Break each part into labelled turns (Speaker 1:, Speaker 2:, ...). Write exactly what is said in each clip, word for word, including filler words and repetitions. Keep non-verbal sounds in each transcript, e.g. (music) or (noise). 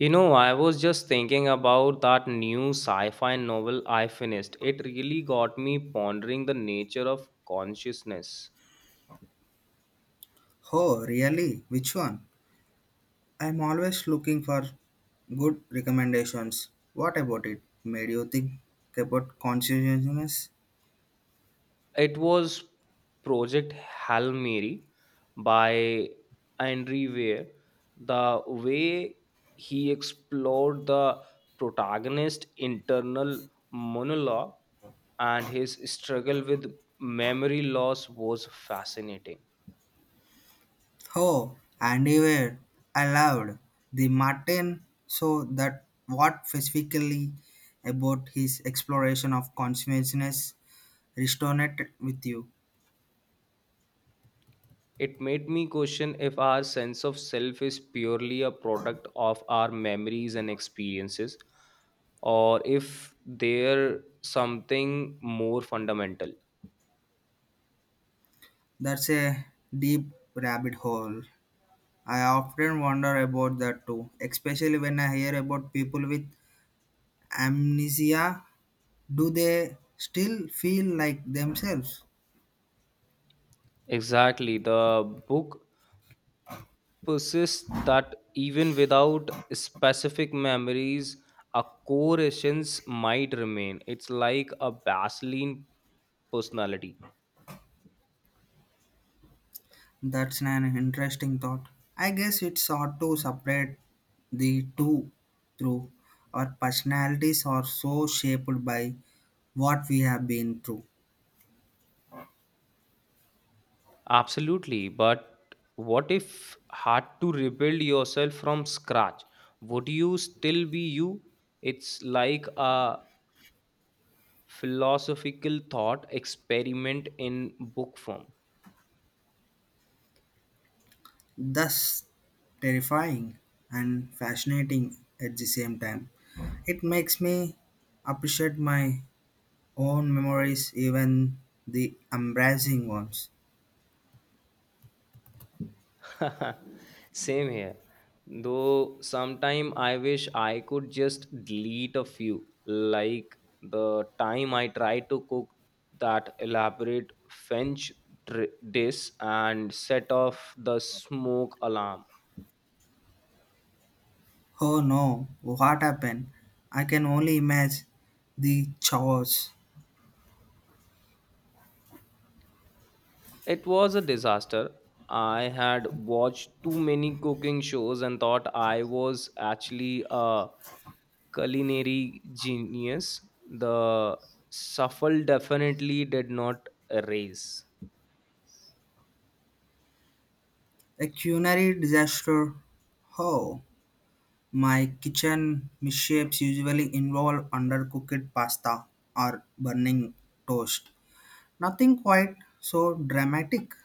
Speaker 1: You know, I was just thinking about that new sci fi novel I finished. It really got me pondering the nature of consciousness.
Speaker 2: Oh, really? Which one? I'm always looking for good recommendations. What about it? Made you think about consciousness?
Speaker 1: It was Project Hail Mary by Andre Weir. The way he explored the protagonist's internal monologue and his struggle with memory loss was fascinating.
Speaker 2: Oh, Andy Weir. I loved the Martin. So that what specifically about his exploration of consciousness resonated with you?
Speaker 1: It made me question if our sense of self is purely a product of our memories and experiences, or if there something more fundamental.
Speaker 2: That's a deep rabbit hole. I often wonder about that too, especially when I hear about people with amnesia. Do they still feel like themselves?
Speaker 1: Exactly. The book persists that even without specific memories, a core essence might remain. It's like a baseline personality.
Speaker 2: That's an interesting thought. I guess it's hard to separate the two through. Our personalities are so shaped by what we have been through.
Speaker 1: Absolutely. But what if had to rebuild yourself from scratch? Would you still be you? It's like a philosophical thought experiment in book form.
Speaker 2: Thus, terrifying and fascinating at the same time. It makes me appreciate my own memories, even the embarrassing ones.
Speaker 1: (laughs) Same here. Though sometime I wish I could just delete a few, like the time I tried to cook that elaborate French dr- dish and set off the smoke alarm.
Speaker 2: Oh no, what happened? I can only imagine the chaos.
Speaker 1: It was a disaster. I had watched too many cooking shows and thought I was actually a culinary genius. The shuffle definitely did not raise.
Speaker 2: A culinary disaster. Oh, my kitchen mishaps usually involve undercooked pasta or burning toast. Nothing quite so dramatic.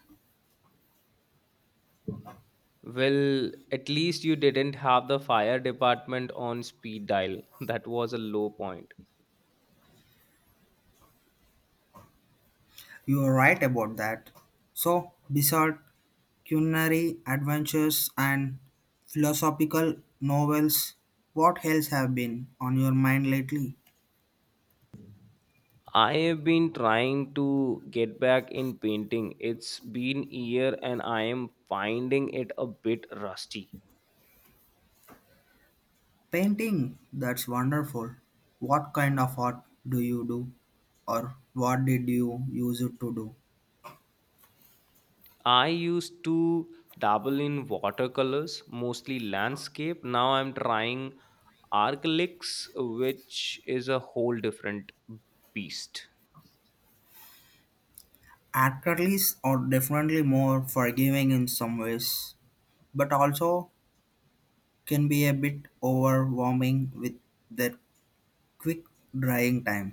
Speaker 1: Well, at least you didn't have the fire department on speed dial. (laughs) That was a low point.
Speaker 2: You are right about that. So, besides culinary adventures and philosophical novels, what else have been on your mind lately?
Speaker 1: I have been trying to get back in painting. It's been a year and I am finding it a bit rusty.
Speaker 2: Painting? That's wonderful. What kind of art do you do? Or what did you use it to do?
Speaker 1: I used to dabble in watercolors, mostly landscape. Now I'm trying acrylics, which is a whole different beast.
Speaker 2: Acrylics are definitely more forgiving in some ways, but also can be a bit overwhelming with their quick drying time.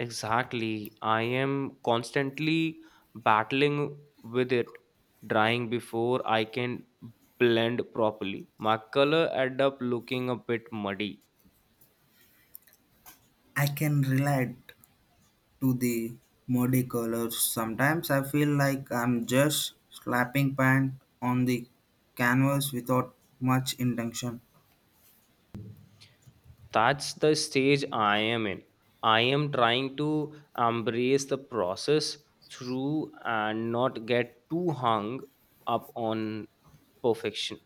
Speaker 1: Exactly. I am constantly battling with it, drying before I can blend properly. My color end up looking a bit muddy.
Speaker 2: I can relate to the muddy colors. Sometimes I feel like I'm just slapping paint on the canvas without much intention.
Speaker 1: That's the stage I am in. I am trying to embrace the process through and not get too hung up on perfection.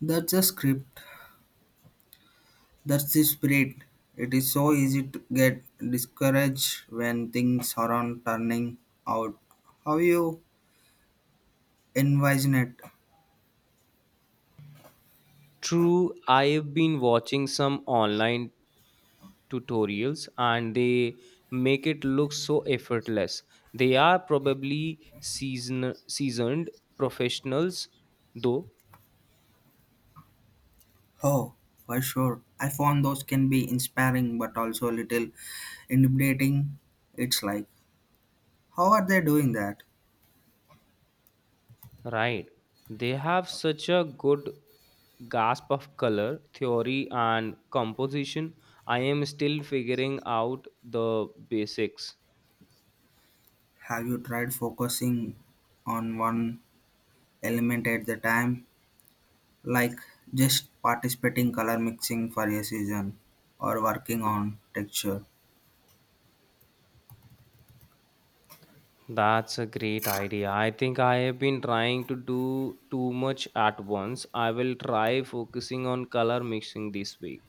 Speaker 2: That's a script That's the spirit. It is so easy to get discouraged when things aren't turning out. How you envision it?
Speaker 1: True, I have been watching some online tutorials and they make it look so effortless. They are probably season seasoned professionals though.
Speaker 2: Oh, for sure. I found those can be inspiring but also a little intimidating. It's like, how are they doing that?
Speaker 1: Right. They have such a good grasp of color theory and composition. I am still figuring out the basics.
Speaker 2: Have you tried focusing on one element at the time? Like just participating color mixing for a season or working on texture?
Speaker 1: That's a great idea. I think I have been trying to do too much at once. I will try focusing on color mixing this week.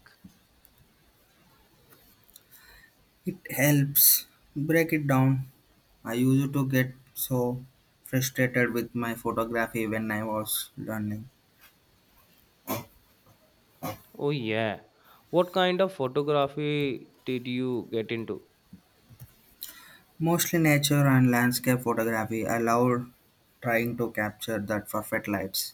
Speaker 2: It helps break it down. I used to get so frustrated with my photography when I was learning.
Speaker 1: Oh, yeah. What kind of photography did you get into?
Speaker 2: Mostly nature and landscape photography. I love trying to capture that perfect lights.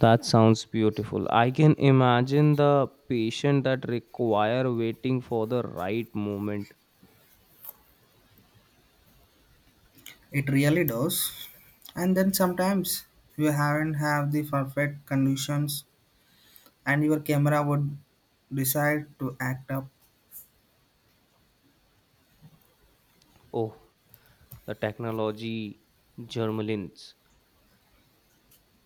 Speaker 1: That sounds beautiful. I can imagine the patient that require waiting for the right moment.
Speaker 2: It really does. And then sometimes you haven't have the perfect conditions and your camera would decide to act up.
Speaker 1: Oh, the technology germlins.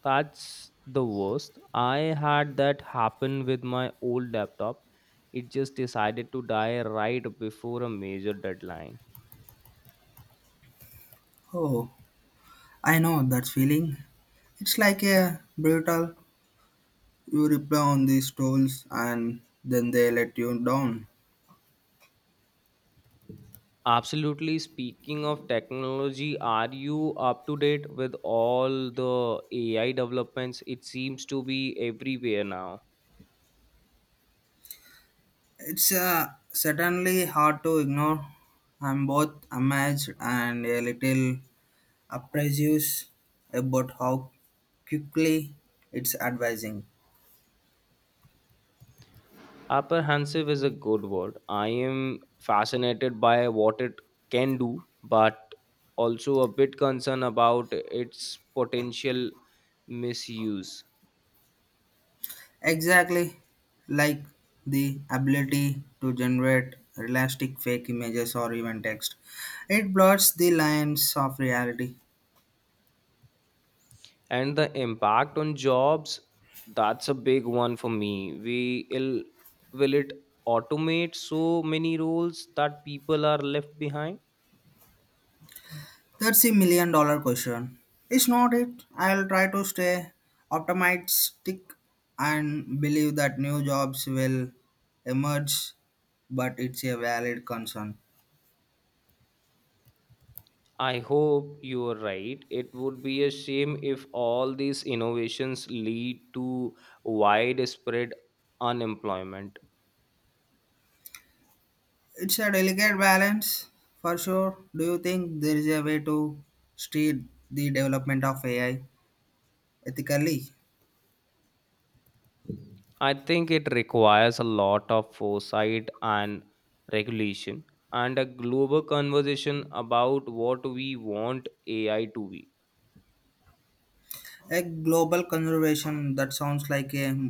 Speaker 1: That's the worst. I had that happen with my old laptop. It just decided to die right before a major deadline.
Speaker 2: Oh, I know that feeling. It's like a brutal. You reply on these trolls and then they let you down.
Speaker 1: Absolutely. Speaking of technology, are you up to date with all the A I developments? It seems to be everywhere now.
Speaker 2: It's uh, certainly hard to ignore. I'm both amazed and a little apprehensive about how quickly it's advising.
Speaker 1: Apprehensive is a good word. I am fascinated by what it can do, but also a bit concerned about its potential misuse.
Speaker 2: Exactly, like the ability to generate realistic fake images or even text. It blurs the lines of reality.
Speaker 1: And the impact on jobs, that's a big one for me. We will will it automate so many roles that people are left behind?
Speaker 2: That's a million dollar question. It's not it. I'll try to stay optimistic and believe that new jobs will emerge, but it's a valid concern.
Speaker 1: I hope you are right. It would be a shame if all these innovations lead to widespread unemployment.
Speaker 2: It's a delicate balance for sure. Do you think there is a way to steer the development of A I ethically?
Speaker 1: I think it requires a lot of foresight and regulation and a global conversation about what we want A I to be.
Speaker 2: A global conservation that sounds like a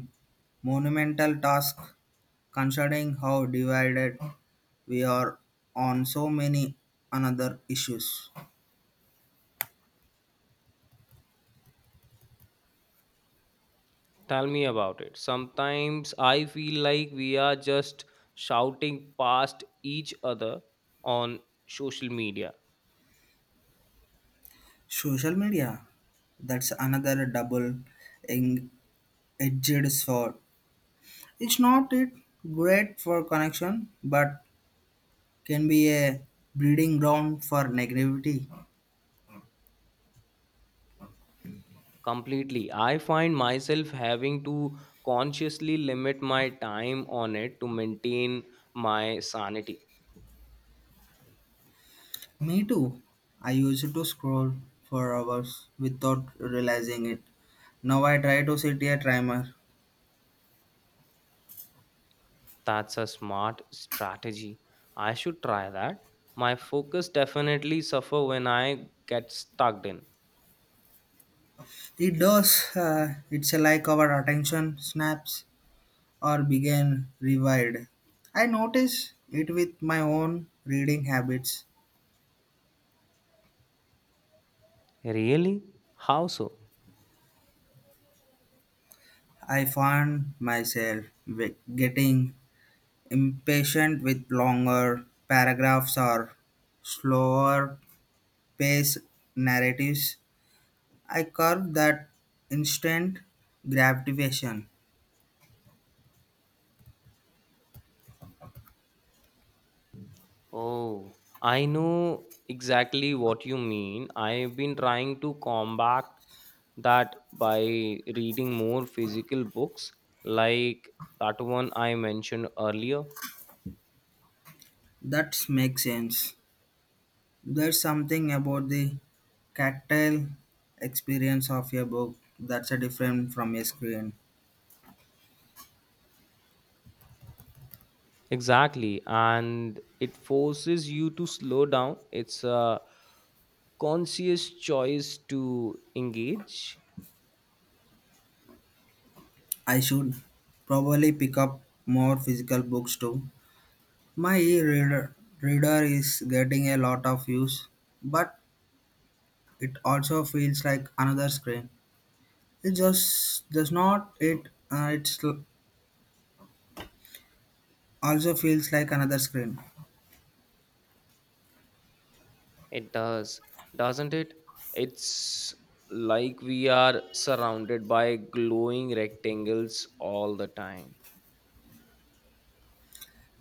Speaker 2: monumental task considering how divided we are on so many another issues.
Speaker 1: Tell me about it. Sometimes I feel like we are just shouting past each other on social media.
Speaker 2: Social media, that's another double edged sword. It's not it great for connection, but can be a breeding ground for negativity.
Speaker 1: Completely. I find myself having to consciously limit my time on it to maintain my sanity.
Speaker 2: Me too. I used to scroll for hours without realizing it. Now I try to set a timer.
Speaker 1: That's a smart strategy. I should try that. My focus definitely suffer when I get stuck in.
Speaker 2: It does. Uh, it's like our attention snaps or began revived. I noticed it with my own reading habits.
Speaker 1: Really? How so?
Speaker 2: I found myself wi- getting impatient with longer paragraphs or slower paced narratives. I curb that instant gratification.
Speaker 1: Oh, I know exactly what you mean. I've been trying to combat that by reading more physical books, like that one I mentioned earlier.
Speaker 2: That makes sense. There's something about the tactile experience of a book that's a different from a screen.
Speaker 1: Exactly, and it forces you to slow down. It's a conscious choice to engage.
Speaker 2: I should probably pick up more physical books too. My e-reader reader is getting a lot of use, but it also feels like another screen. It just does not it uh, it also feels like another screen.
Speaker 1: It does, doesn't it? It's like we are surrounded by glowing rectangles all the time.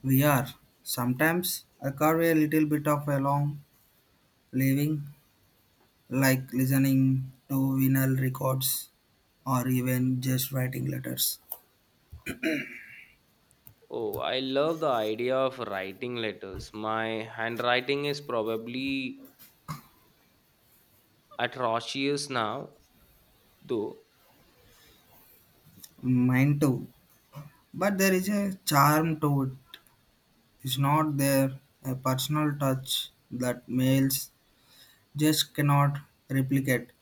Speaker 2: We are sometimes I carve a little bit of a long living, like listening to vinyl records or even just writing letters.
Speaker 1: Oh, I love the idea of writing letters. My handwriting is probably atrocious now, though.
Speaker 2: Mine too, but there is a charm to it. Is not there a personal touch that males just cannot replicate?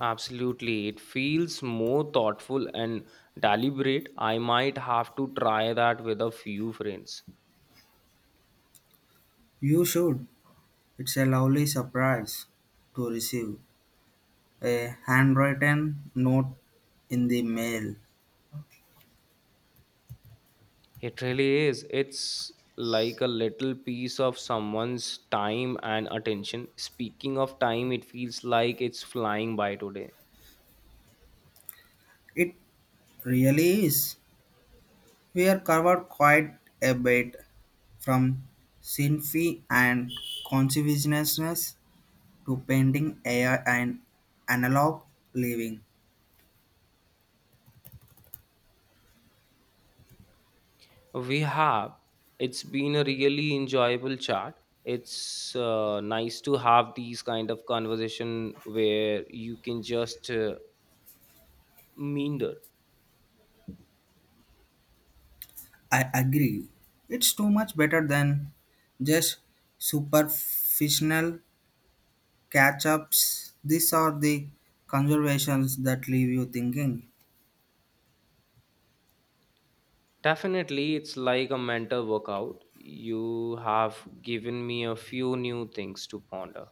Speaker 1: Absolutely. It feels more thoughtful and deliberate. I might have to try that with a few friends.
Speaker 2: You should. It's a lovely surprise to receive a handwritten note in the mail.
Speaker 1: It really is. It's like a little piece of someone's time and attention. Speaking of time, it feels like it's flying by today.
Speaker 2: It really is. We are covered quite a bit from symphony and consciousness to painting, A I, and analog living.
Speaker 1: We have. It's been a really enjoyable chat. It's uh, nice to have these kind of conversation where you can just uh, meander.
Speaker 2: I agree. It's too much better than just superficial catch ups. These are the conversations that leave you thinking.
Speaker 1: Definitely, it's like a mental workout. You have given me a few new things to ponder.